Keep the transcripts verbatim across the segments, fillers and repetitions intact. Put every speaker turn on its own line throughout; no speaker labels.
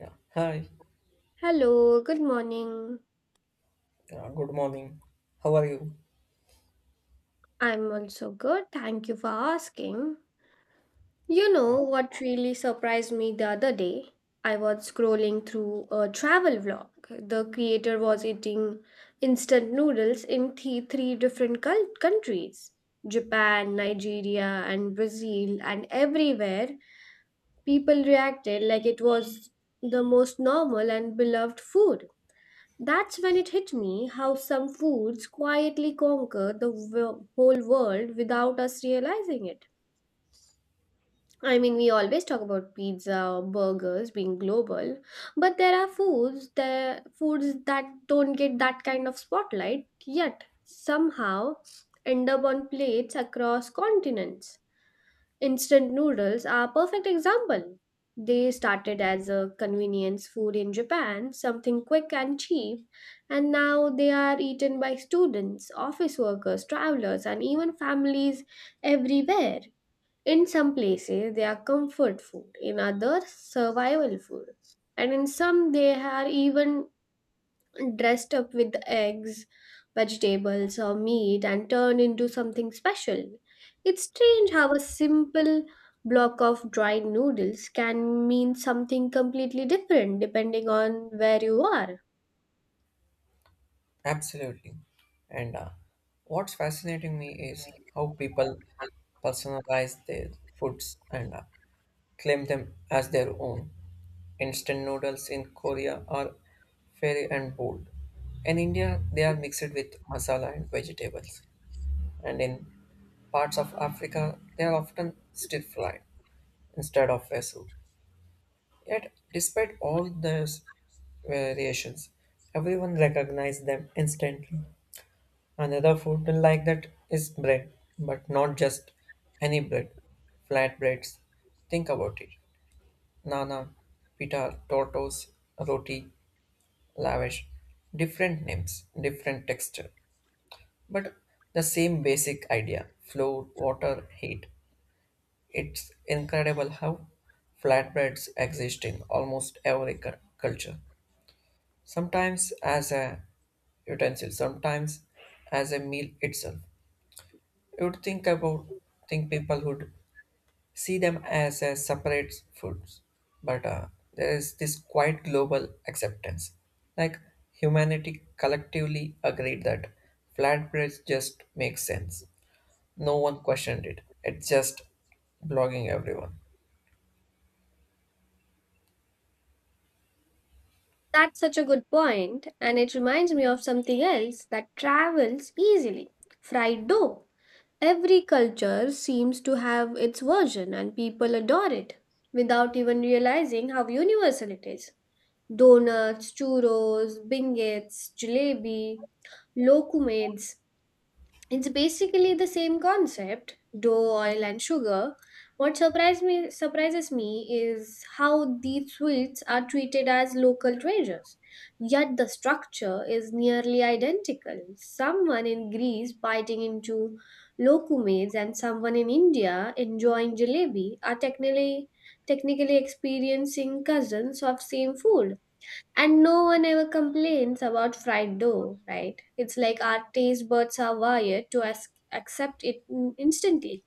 Yeah. Hi.
Hello, good morning.
Uh, good morning. How are you?
I'm also good. Thank you for asking. You know
Uh,
what really surprised me the other day? I was scrolling through a travel vlog. The creator was eating instant noodles in th- three different cul- countries: Japan, Nigeria, and Brazil, and everywhere people reacted like it was the most normal and beloved food. That's when it hit me how some foods quietly conquer the wo- whole world without us realizing it. I mean, we always talk about pizza or burgers being global, but there are foods there foods that don't get that kind of spotlight yet somehow end up on plates across continents. Instant noodles are a perfect example. They started as a convenience food in Japan, something quick and cheap, and now they are eaten by students, office workers, travelers, and even families everywhere. In some places, they are comfort food; in others, survival food; and in some, they are even dressed up with eggs, vegetables, or meat and turned into something special. It's strange how a simple block of dried noodles can mean something completely different depending on where you are.
absolutely. And uh, what's fascinating me is how people personalize their foods and uh, claim them as their own. Instant noodles in Korea are fairy and bold. In India, they are mixed with masala and vegetables. And in parts of Africa, they are often stir fried instead of a soup. Yet, despite all this variations. Everyone recognized them instantly. Another food like that is bread, but not just any bread, flatbreads. Think about it. Nana, pita, tortos, roti, lavish. Different names, different texture, but the same basic idea flour, water, heat. It's incredible how flatbreads exist in almost every cu- culture. Sometimes as a utensil, sometimes as a meal itself. You would think about think people would see them as a separate foods, but uh, there is this quite global acceptance. Like humanity collectively agreed that flatbreads just make sense. No one questioned it. It's just blogging everyone.
That's such a good point, and it reminds me of something else that travels easily: fried dough. Every culture seems to have its version, and people adore it without even realizing how universal it is. Donuts, churros, bingets, jalebi, lokumades. It's basically the same concept: dough, oil, and sugar. What surprised me, surprises me is how these sweets are treated as local treasures. Yet the structure is nearly identical. Someone in Greece biting into lokumades and someone in India enjoying jalebi are technically technically experiencing cousins of same food. And no one ever complains about fried dough, right? It's like our taste buds are wired to as- accept it in- instantly.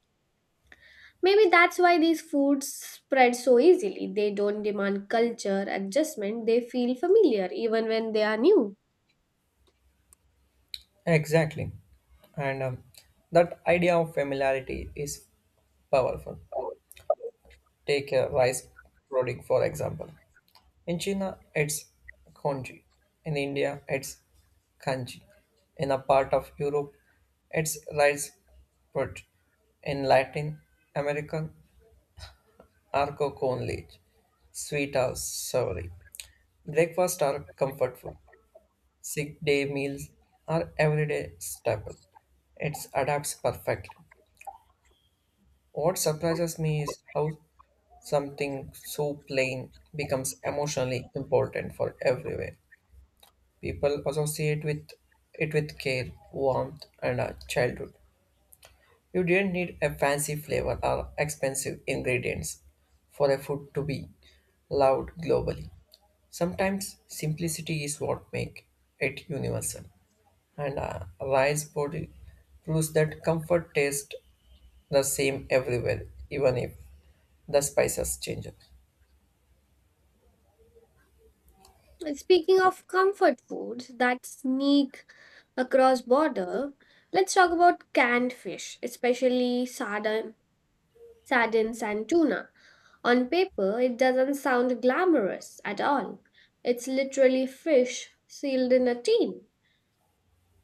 Maybe that's why these foods spread so easily. They don't demand culture, adjustment, they feel familiar even when they are new.
Exactly. And um, that idea of familiarity is powerful. Take a rice pudding, for example. In China, it's Konji. In India, it's Kanji. In a part of Europe, it's rice put. In Latin American, arco con leche, sweet or savory. Breakfast are comfort food. Sick day meals are everyday staple. It adapts perfectly. What surprises me is how something so plain becomes emotionally important for everywhere. People associate with it with care, warmth, and a childhood. You didn't need a fancy flavor or expensive ingredients for a food to be loved globally. Sometimes simplicity is what makes it universal. And a rice body proves that comfort tastes the same everywhere, even if the spices change.
And speaking of comfort foods that sneak across border, let's talk about canned fish, especially sardine sardines, and tuna. On paper, it doesn't sound glamorous at all. It's literally fish sealed in a tin,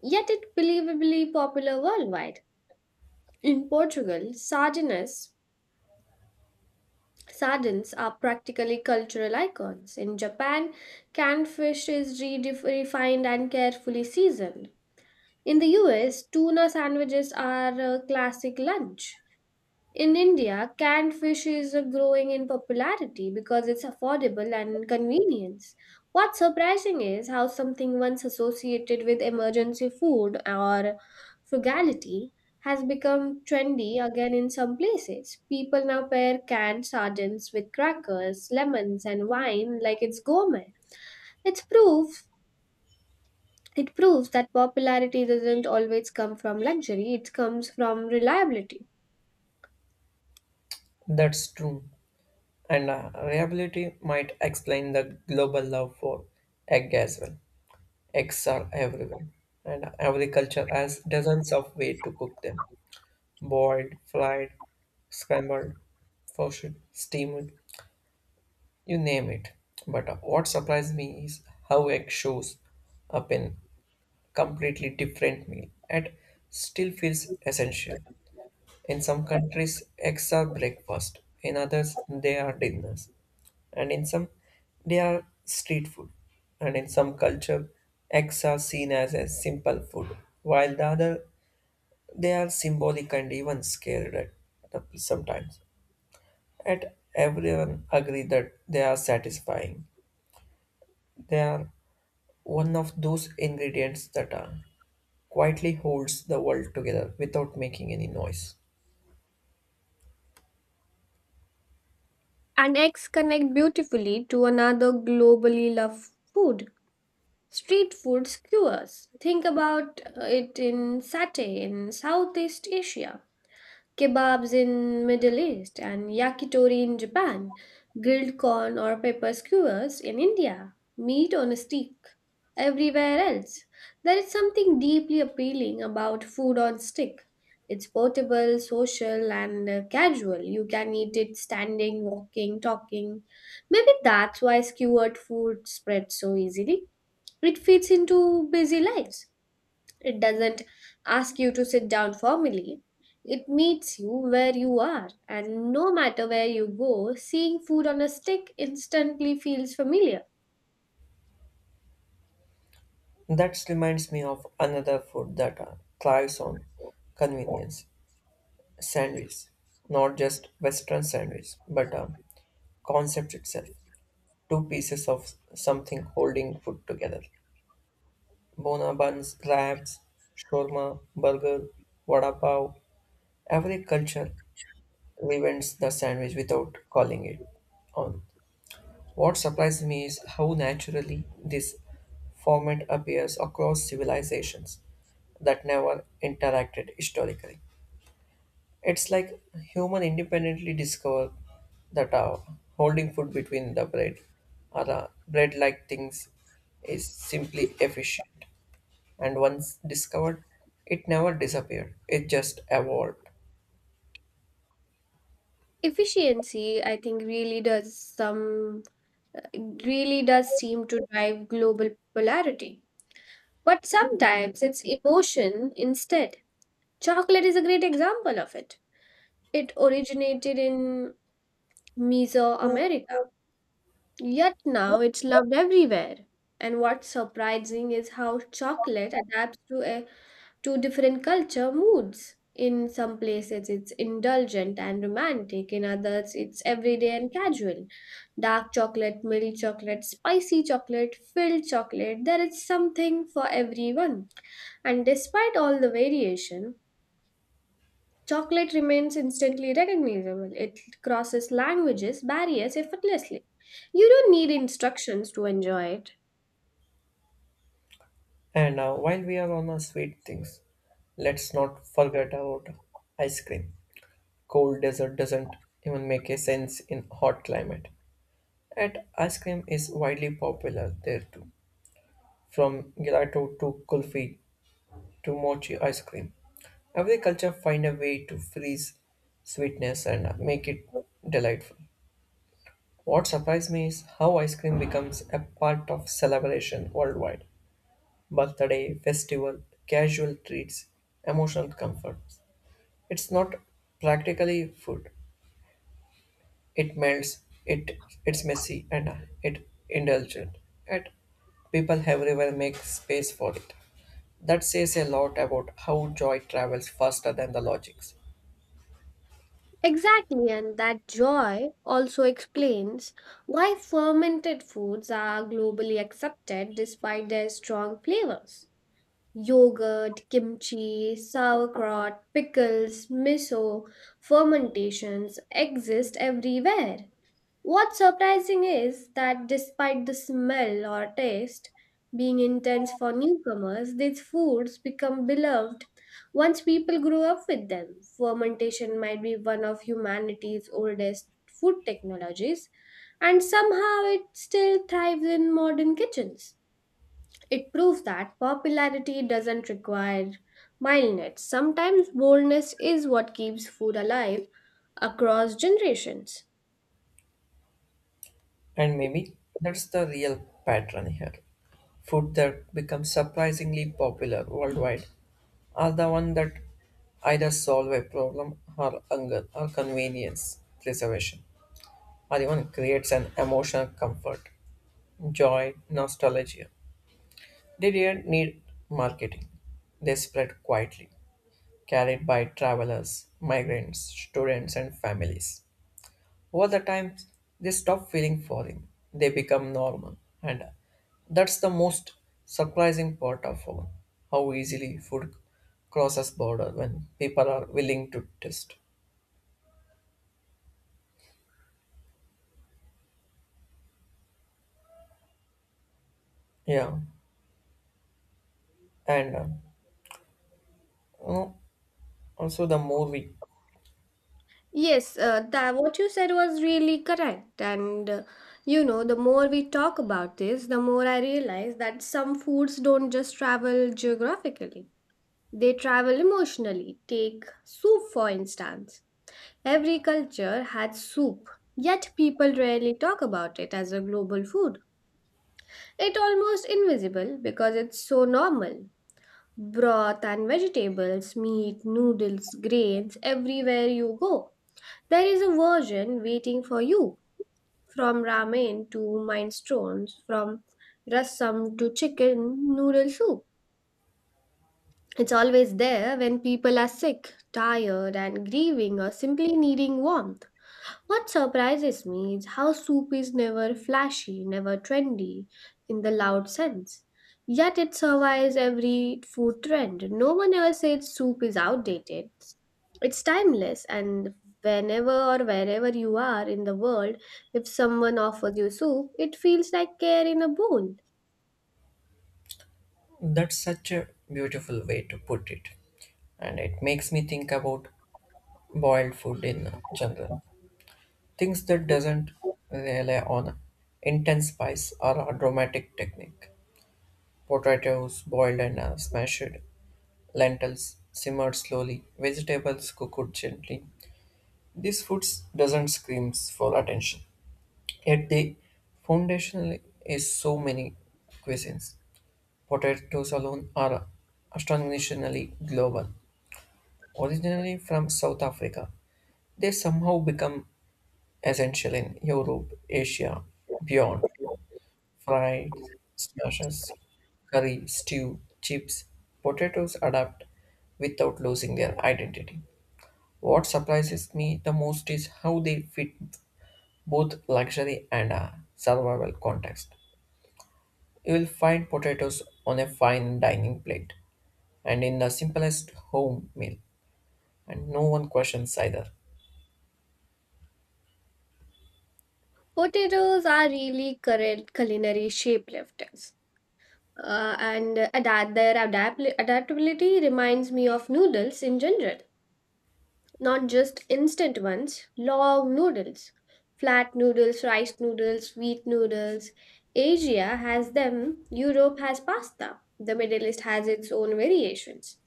yet it's believably popular worldwide. In Portugal, sardines sardines are practically cultural icons. In Japan, canned fish is redef- refined and carefully seasoned. In the U S, tuna sandwiches are a classic lunch. In India, canned fish is uh, growing in popularity because it's affordable and convenience. What's surprising is how something once associated with emergency food or frugality has become trendy again in some places. People now pair canned sardines with crackers, lemons, and wine like it's gourmet. It's proof it proves that popularity doesn't always come from luxury, it comes from reliability.
That's true. And uh, reliability might explain the global love for egg as well. Eggs are everywhere, and agriculture has dozens of ways to cook them boiled, fried, scrambled, poached, steamed, you name it. But what surprised me is how egg shows up in completely different meal and still feels essential. In some countries, eggs are breakfast, in others, they are dinners and in some they are street food and in some culture eggs are seen as a simple food while the other they are symbolic and even scared at the- sometimes and everyone agree that they are satisfying they are one of those ingredients that are quietly holds the world together without making any noise
And eggs connect beautifully to another globally loved food: street food skewers. Think about uh, it in satay in Southeast Asia, kebabs in Middle East and yakitori in Japan, grilled corn or pepper skewers in India, meat on a stick. Everywhere else, there is something deeply appealing about food on stick. It's portable, social, and uh, casual. You can eat it standing, walking, talking. Maybe that's why skewered food spreads so easily. It fits into busy lives. It doesn't ask you to sit down formally. It meets you where you are, and no matter where you go, seeing food on a stick instantly feels familiar.
that reminds me of another food that uh, thrives on convenience sandwich, not just Western sandwich, but a concept itself. Two pieces of something holding food together. Bona buns, wraps, shawarma, burger, vada pav. Every culture reinvents the sandwich without calling it on. What surprised me is how naturally this format appears across civilizations that never interacted historically. It's like human independently discover that uh, holding food between the bread or uh, bread like things is simply efficient. And once discovered, it never disappeared, it just evolved.
Efficiency, I think, really does some really does seem to drive global polarity. But sometimes it's emotion instead. Chocolate is a great example of it. It originated in Mesoamerica. Yet now it's loved everywhere. And what's surprising is how chocolate adapts to a to different culture moods. In some places it's indulgent and romantic, in others it's everyday and casual. Dark chocolate, milk chocolate, spicy chocolate, filled chocolate, there is something for everyone. And despite all the variation, chocolate remains instantly recognizable. It crosses languages barriers effortlessly. You don't need instructions to enjoy it.
And uh, while we are on our sweet things, let's not forget about ice cream. Cold dessert doesn't even make a sense in hot climate. And ice cream is widely popular there too, from gelato to kulfi to mochi ice cream. Every culture find a way to freeze sweetness and make it delightful. What surprised me is how ice cream becomes a part of celebration worldwide. Birthday, festival, casual treats, emotional comforts. It's not practically food. It melts, it it's messy and uh, it indulgent. And people everywhere make space for it. That says a lot about how joy travels faster than the logics.
Exactly, and that joy also explains why fermented foods are globally accepted despite their strong flavors. Yogurt, kimchi, sauerkraut, pickles, miso, fermentations exist everywhere. What's surprising is that despite the smell or taste being intense for newcomers, these foods become beloved once people grow up with them. Fermentation might be one of humanity's oldest food technologies, and somehow it still thrives in modern kitchens. It proves that popularity doesn't require mildness. Sometimes boldness is what keeps food alive across generations.
And maybe that's the real pattern here. Food that becomes surprisingly popular worldwide are the one that either solve a problem or hunger or convenience preservation or even creates an emotional comfort, joy, nostalgia. They didn't need marketing. They spread quietly, carried by travelers, migrants, students and families. Over the time, they stop feeling foreign. They become normal. And that's the most surprising part of all. How easily food crosses border when people are willing to test. Yeah. And uh, you know, also the more we,
Yes, uh, that what you said was really correct. And uh, you know, the more we talk about this, the more I realize that some foods don't just travel geographically, they travel emotionally. Take soup, for instance. Every culture had soup, yet people rarely talk about it as a global food. It almost invisible because it's so normal. Broth and vegetables, meat, noodles, grains, everywhere you go. There is a version waiting for you. From ramen to minestrone, from rasam to chicken noodle soup. It's always there when people are sick, tired, and grieving, or simply needing warmth. What surprises me is how soup is never flashy, never trendy in the loud sense. Yet it survives every food trend. No one ever says soup is outdated. It's timeless, and whenever or wherever you are in the world, if someone offers you soup, it feels like care in a bowl.
that's such a beautiful way to put it. And it makes me think about boiled food in general. Things that doesn't rely on intense spice or a dramatic technique. Potatoes boiled and uh, smashed, lentils simmered slowly, vegetables cooked gently. These foods doesn't scream for attention. Yet the foundation is so many cuisines. Potatoes alone are astonishingly global. Originally from South Africa, they somehow become essential in Europe, Asia, beyond. Fried smashes, curry, stew, chips, potatoes adapt without losing their identity. What surprises me the most is how they fit both luxury and a survival context. You will find potatoes on a fine dining plate and in the simplest home meal, and no one questions either.
Potatoes are really current culinary shapeshifters. Uh, and adapt, their adapt- adaptability reminds me of noodles in general. Not just instant ones, long noodles, flat noodles, rice noodles, wheat noodles. Asia has them, Europe has pasta, the Middle East has its own variations.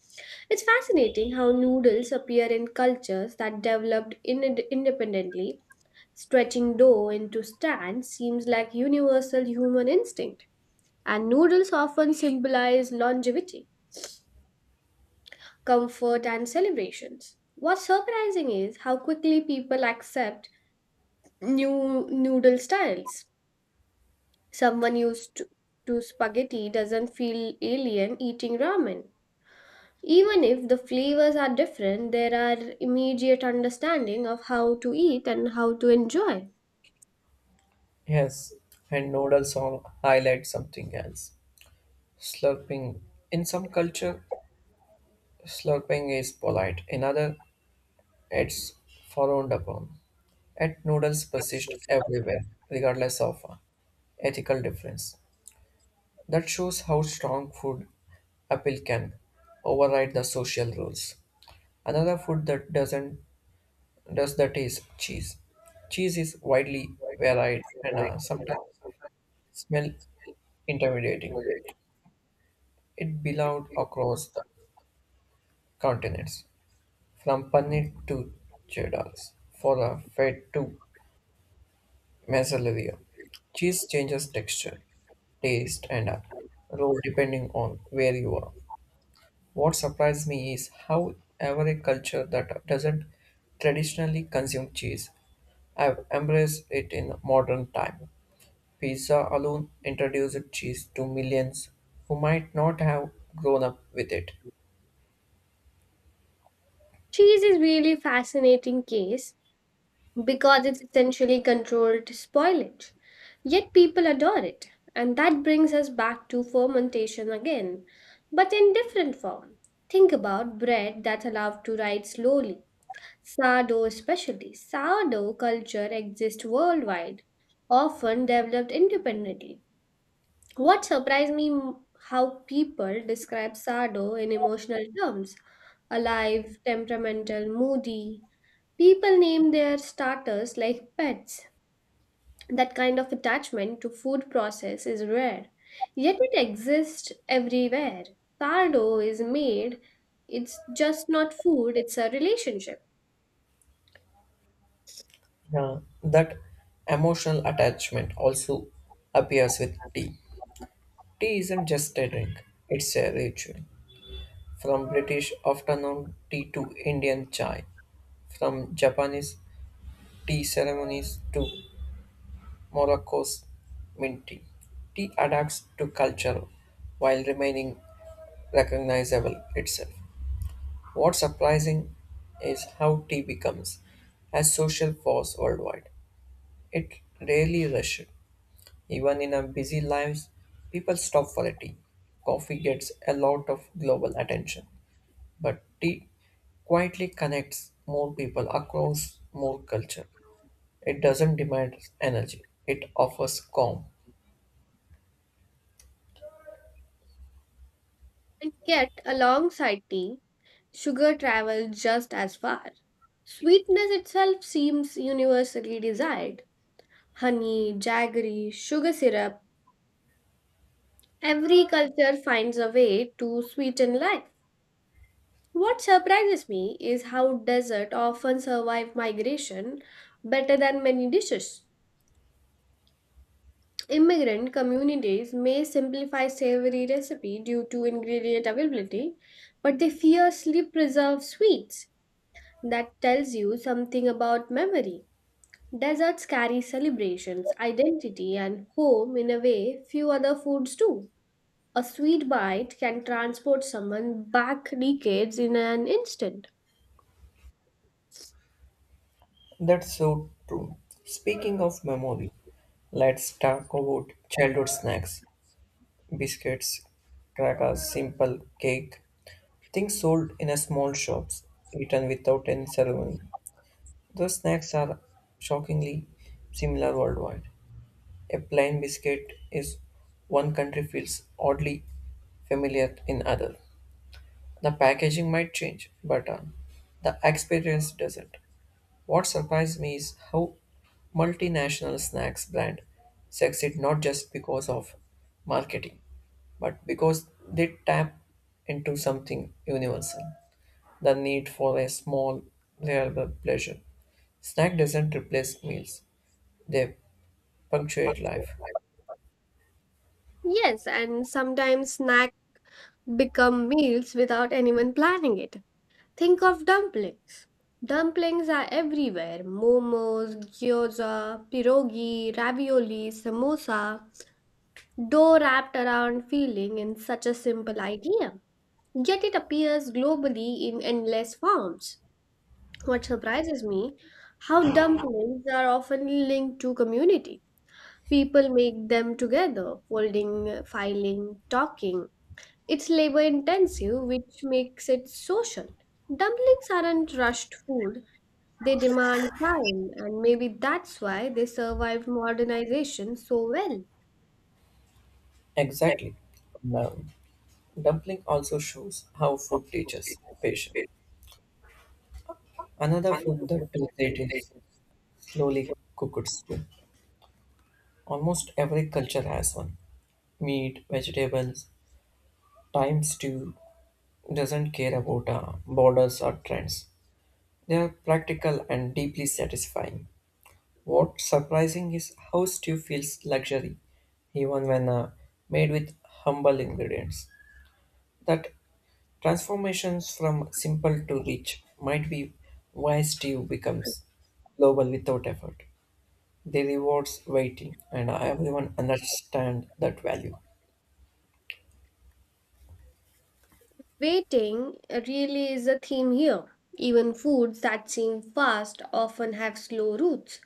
It's fascinating how noodles appear in cultures that developed in- independently. Stretching dough into strands seems like universal human instinct, and noodles often symbolize longevity, comfort, and celebrations. What's surprising is how quickly people accept new noodle styles. Someone used to, to spaghetti doesn't feel alien eating ramen. Even if the flavors are different, there are immediate understanding of how to eat and how to enjoy.
Yes, and noodles all highlight something else. Slurping. In some culture, slurping is polite. In other, it's frowned upon. Yet noodles persist everywhere, regardless of uh, ethical difference. That shows how strong food appeal can override the social rules. Another food that doesn't does that is cheese. Cheese is widely varied and uh, sometimes smell intimidating. It belonged across the continents, from paneer to cheddars, for a fat to mozzarella. Cheese changes texture, taste and uh, role depending on where you are. What surprised me is how ever a culture that doesn't traditionally consume cheese have embraced it in modern time. Pizza alone introduced cheese to millions who might not have grown up with it.
Cheese is really fascinating case because it's essentially controlled spoilage. Yet people adore it. And that brings us back to fermentation again, but in different form. Think about bread that's allowed to rise slowly. Sourdough, especially. Sourdough culture exists worldwide, often developed independently. What surprised me m- How people describe Sado in emotional terms: alive, temperamental, moody. People name their starters like pets. That kind of attachment to food process is rare, yet it exists everywhere. Sardo is made, it's just not food, it's a relationship.
Yeah, that emotional attachment also appears with tea. Tea isn't just a drink, it's a ritual. From British afternoon tea to Indian chai, from Japanese tea ceremonies to Morocco's mint tea. Tea adapts to culture while remaining recognizable itself. What's surprising is how tea becomes a social force worldwide. It rarely rushes. Even in our busy lives, people stop for a tea. Coffee gets a lot of global attention, but tea quietly connects more people across more culture. It doesn't demand energy, it offers calm.
And yet, alongside tea, sugar travels just as far. Sweetness itself seems universally desired. Honey, jaggery, sugar syrup, every culture finds a way to sweeten life. What surprises me is how dessert often survive migration better than many dishes. Immigrant communities may simplify savory recipe due to ingredient availability, but they fiercely preserve sweets. That tells you something about memory. Desserts carry celebrations, identity, and home in a way few other foods do. A sweet bite can transport someone back decades in an instant.
That's so true. Speaking of memory, let's talk about childhood snacks biscuits, crackers, simple cake, things sold in a small shops, eaten without any ceremony. Those snacks are shockingly similar worldwide. A plain biscuit is one country feels oddly familiar in other. The packaging might change, but uh, the experience doesn't. What surprised me is how multinational snacks brand succeed not just because of marketing, but because they tap into something universal, the need for a small, reliable pleasure. Snack doesn't replace meals, they punctuate life.
Yes, and sometimes snacks become meals without anyone planning it. Think of dumplings. Dumplings are everywhere: momos, gyoza, pierogi, ravioli, samosa, dough wrapped around feeling in such a simple idea. Yet it appears globally in endless forms. What surprises me, how dumplings are often linked to community. People make them together, folding, filing, talking. It's labor intensive, which makes it social. Dumplings aren't rushed food, they demand time, and maybe that's why they survived modernization so well.
Exactly. Now, dumpling also shows how food teaches patience. Another food that does it is slowly cooked stew. Almost every culture has one. Meat, vegetables, times two doesn't care about uh, borders or trends. They are practical and deeply satisfying. What's surprising is how stew feels luxury, even when uh, made with humble ingredients. That transformations from simple to rich might be why stew becomes global without effort. They rewards waiting, and everyone understand that value.
Waiting really is a theme here. Even foods that seem fast often have slow roots.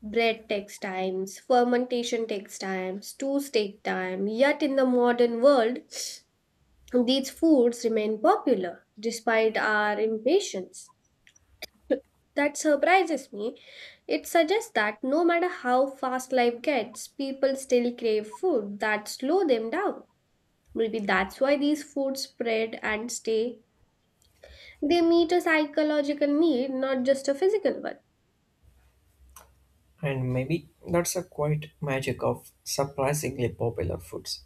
Bread takes time, fermentation takes time, stews take time, yet in the modern world, these foods remain popular despite our impatience. That surprises me. It suggests that no matter how fast life gets, people still crave food that slow them down. Maybe that's why these foods spread and stay. They meet a psychological need, not just a physical one.
And maybe that's a quite magic of surprisingly popular foods.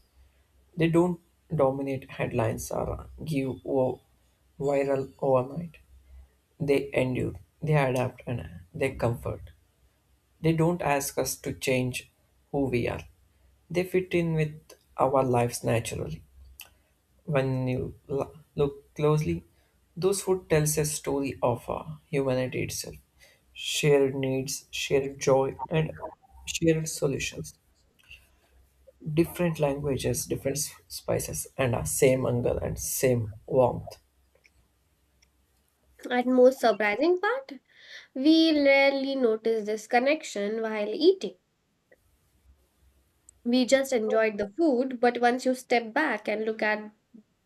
They don't dominate headlines or give o- viral overnight. They endure, they adapt, and they comfort. They don't ask us to change who we are. They fit in with our lives naturally. When you l- look closely, those food tells a story of uh, humanity itself shared needs, shared joy, and shared solutions. Different languages, different s- spices, and uh, same hunger and same warmth.
And most surprising part, we rarely notice this connection while eating. We just enjoyed the food, but once you step back and look at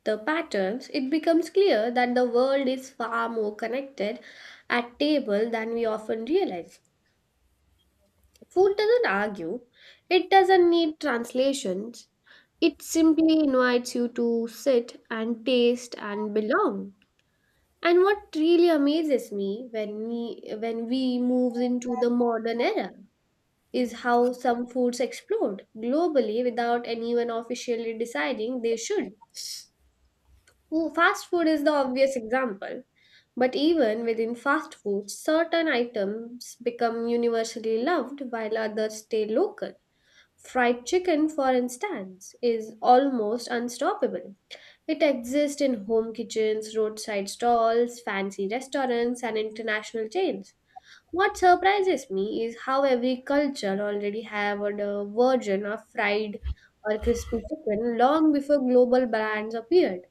the patterns, it becomes clear that the world is far more connected at table than we often realize. Food doesn't argue, it doesn't need translations. It simply invites you to sit and taste and belong. And what really amazes me when we when we move into the modern era is how some foods explode globally without anyone officially deciding they should. Fo- Fast food is the obvious example. But even within fast food, certain items become universally loved while others stay local. Fried chicken, for instance, is almost unstoppable. It exists in home kitchens, roadside stalls, fancy restaurants, and international chains. What surprises me is how every culture already have a version of fried or crispy chicken long before global brands appeared.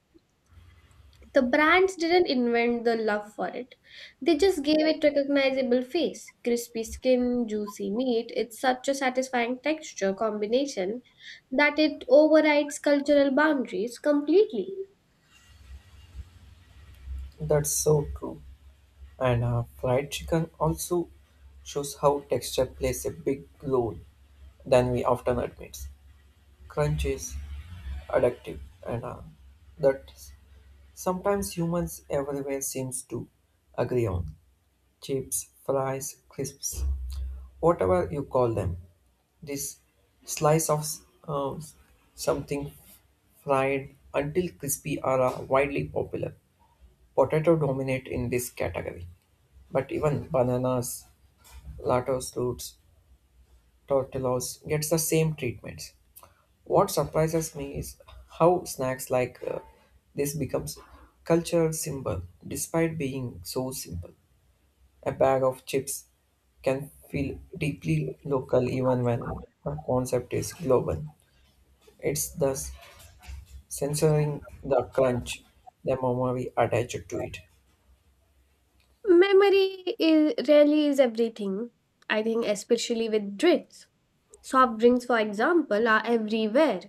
The brands didn't invent the love for it. They just gave it recognizable face. Crispy skin, juicy meat. It's such a satisfying texture combination that it overrides cultural boundaries completely.
That's so true. And uh, fried chicken also shows how texture plays a big role than we often admit. Crunch is addictive, and uh, that sometimes humans everywhere seems to agree on. Chips, fries, crisps, whatever you call them, this slice of uh, something fried until crispy are uh, widely popular. Potato dominate in this category, but even bananas, latos roots, tortillas gets the same treatments. What surprises me is how snacks like uh, this becomes cultural symbol despite being so simple. A bag of chips can feel deeply local even when the concept is global. It's thus censoring the crunch the memory attached to it.
Memory is, really is everything. I think especially with drinks. Soft drinks, for example, are everywhere,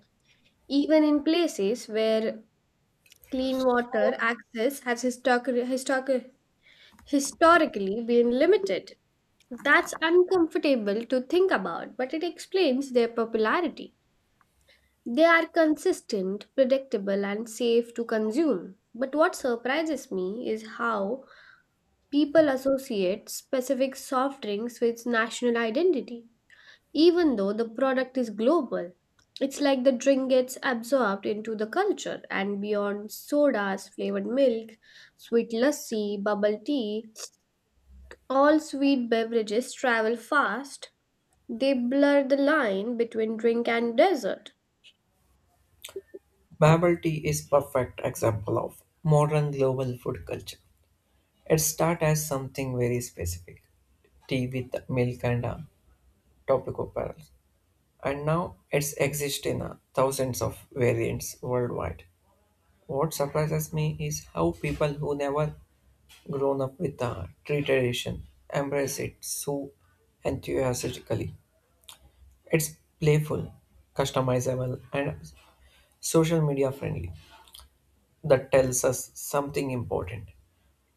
even in places where clean water access has historic, historic, historically been limited. That's uncomfortable to think about, but it explains their popularity. They are consistent, predictable, and safe to consume. But what surprises me is how people associate specific soft drinks with national identity, even though the product is global. It's like the drink gets absorbed into the culture and beyond: sodas, flavored milk, sweet lassi, bubble tea, all sweet beverages travel fast, they blur the line between drink and dessert.
Bubble tea is perfect example of modern global food culture. It started as something very specific, tea with milk and uh, topical pearls, and now it's exist in uh, thousands of variants worldwide. What surprises me is how people who never grown up with the tea tradition embrace it so enthusiastically. It's playful, customizable, and social media friendly. That tells us something important.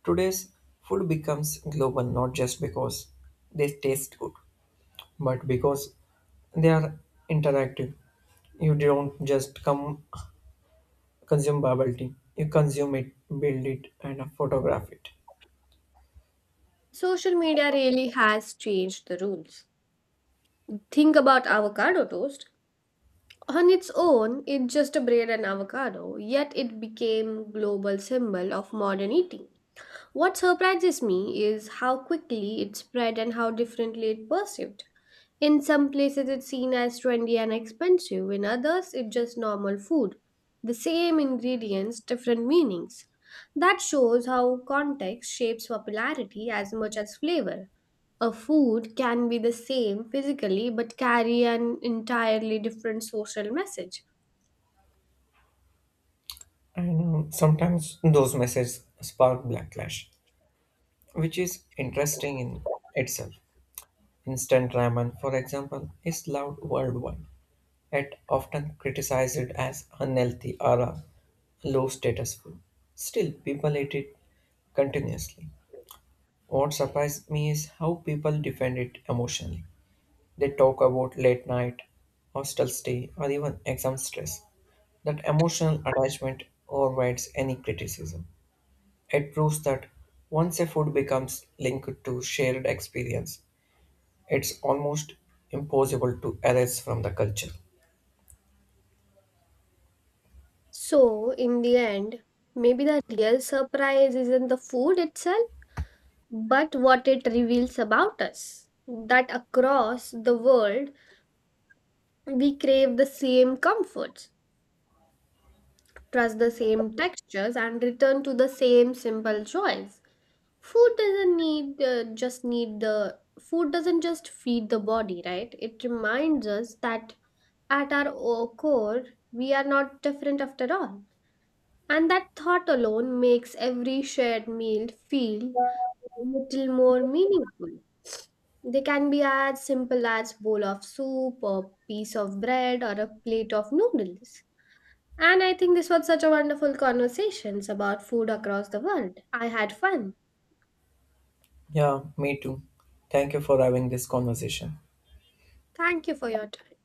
Today's food becomes global not just because they taste good, but because they are interactive. You don't just come consume bubble tea. You consume it, build it, and photograph it.
Social media really has changed the rules. Think about avocado toast. On its own, it's just a bread and avocado, yet it became global symbol of modern eating. What surprises me is how quickly it spread and how differently it perceived. In some places, it's seen as trendy and expensive, in others, it's just normal food. The same ingredients, different meanings. That shows how context shapes popularity as much as flavor. A food can be the same physically but carry an entirely different social message.
And um, sometimes those messages spark backlash, which is interesting in itself. Instant ramen, for example, is loved worldwide. It often criticized as unhealthy or a low status food. Still, people eat it continuously. What surprised me is how people defend it emotionally. They talk about late night, hostel stay, or even exam stress. That emotional attachment overrides any criticism. It proves that once a food becomes linked to shared experience, it's almost impossible to erase from the culture.
So, in the end, maybe the real surprise isn't the food itself, but what it reveals about us. That across the world, we crave the same comforts, trust the same textures, and return to the same simple joys. Food doesn't need uh, just need The food doesn't just feed the body, right? It reminds us that at our o- core, we are not different after all. And that thought alone makes every shared meal feel a little more meaningful. They can be as simple as bowl of soup or piece of bread or a plate of noodles. And I think this was such a wonderful conversation about food across the world. I had fun.
Yeah, me too. Thank you for having this conversation.
Thank you for your time.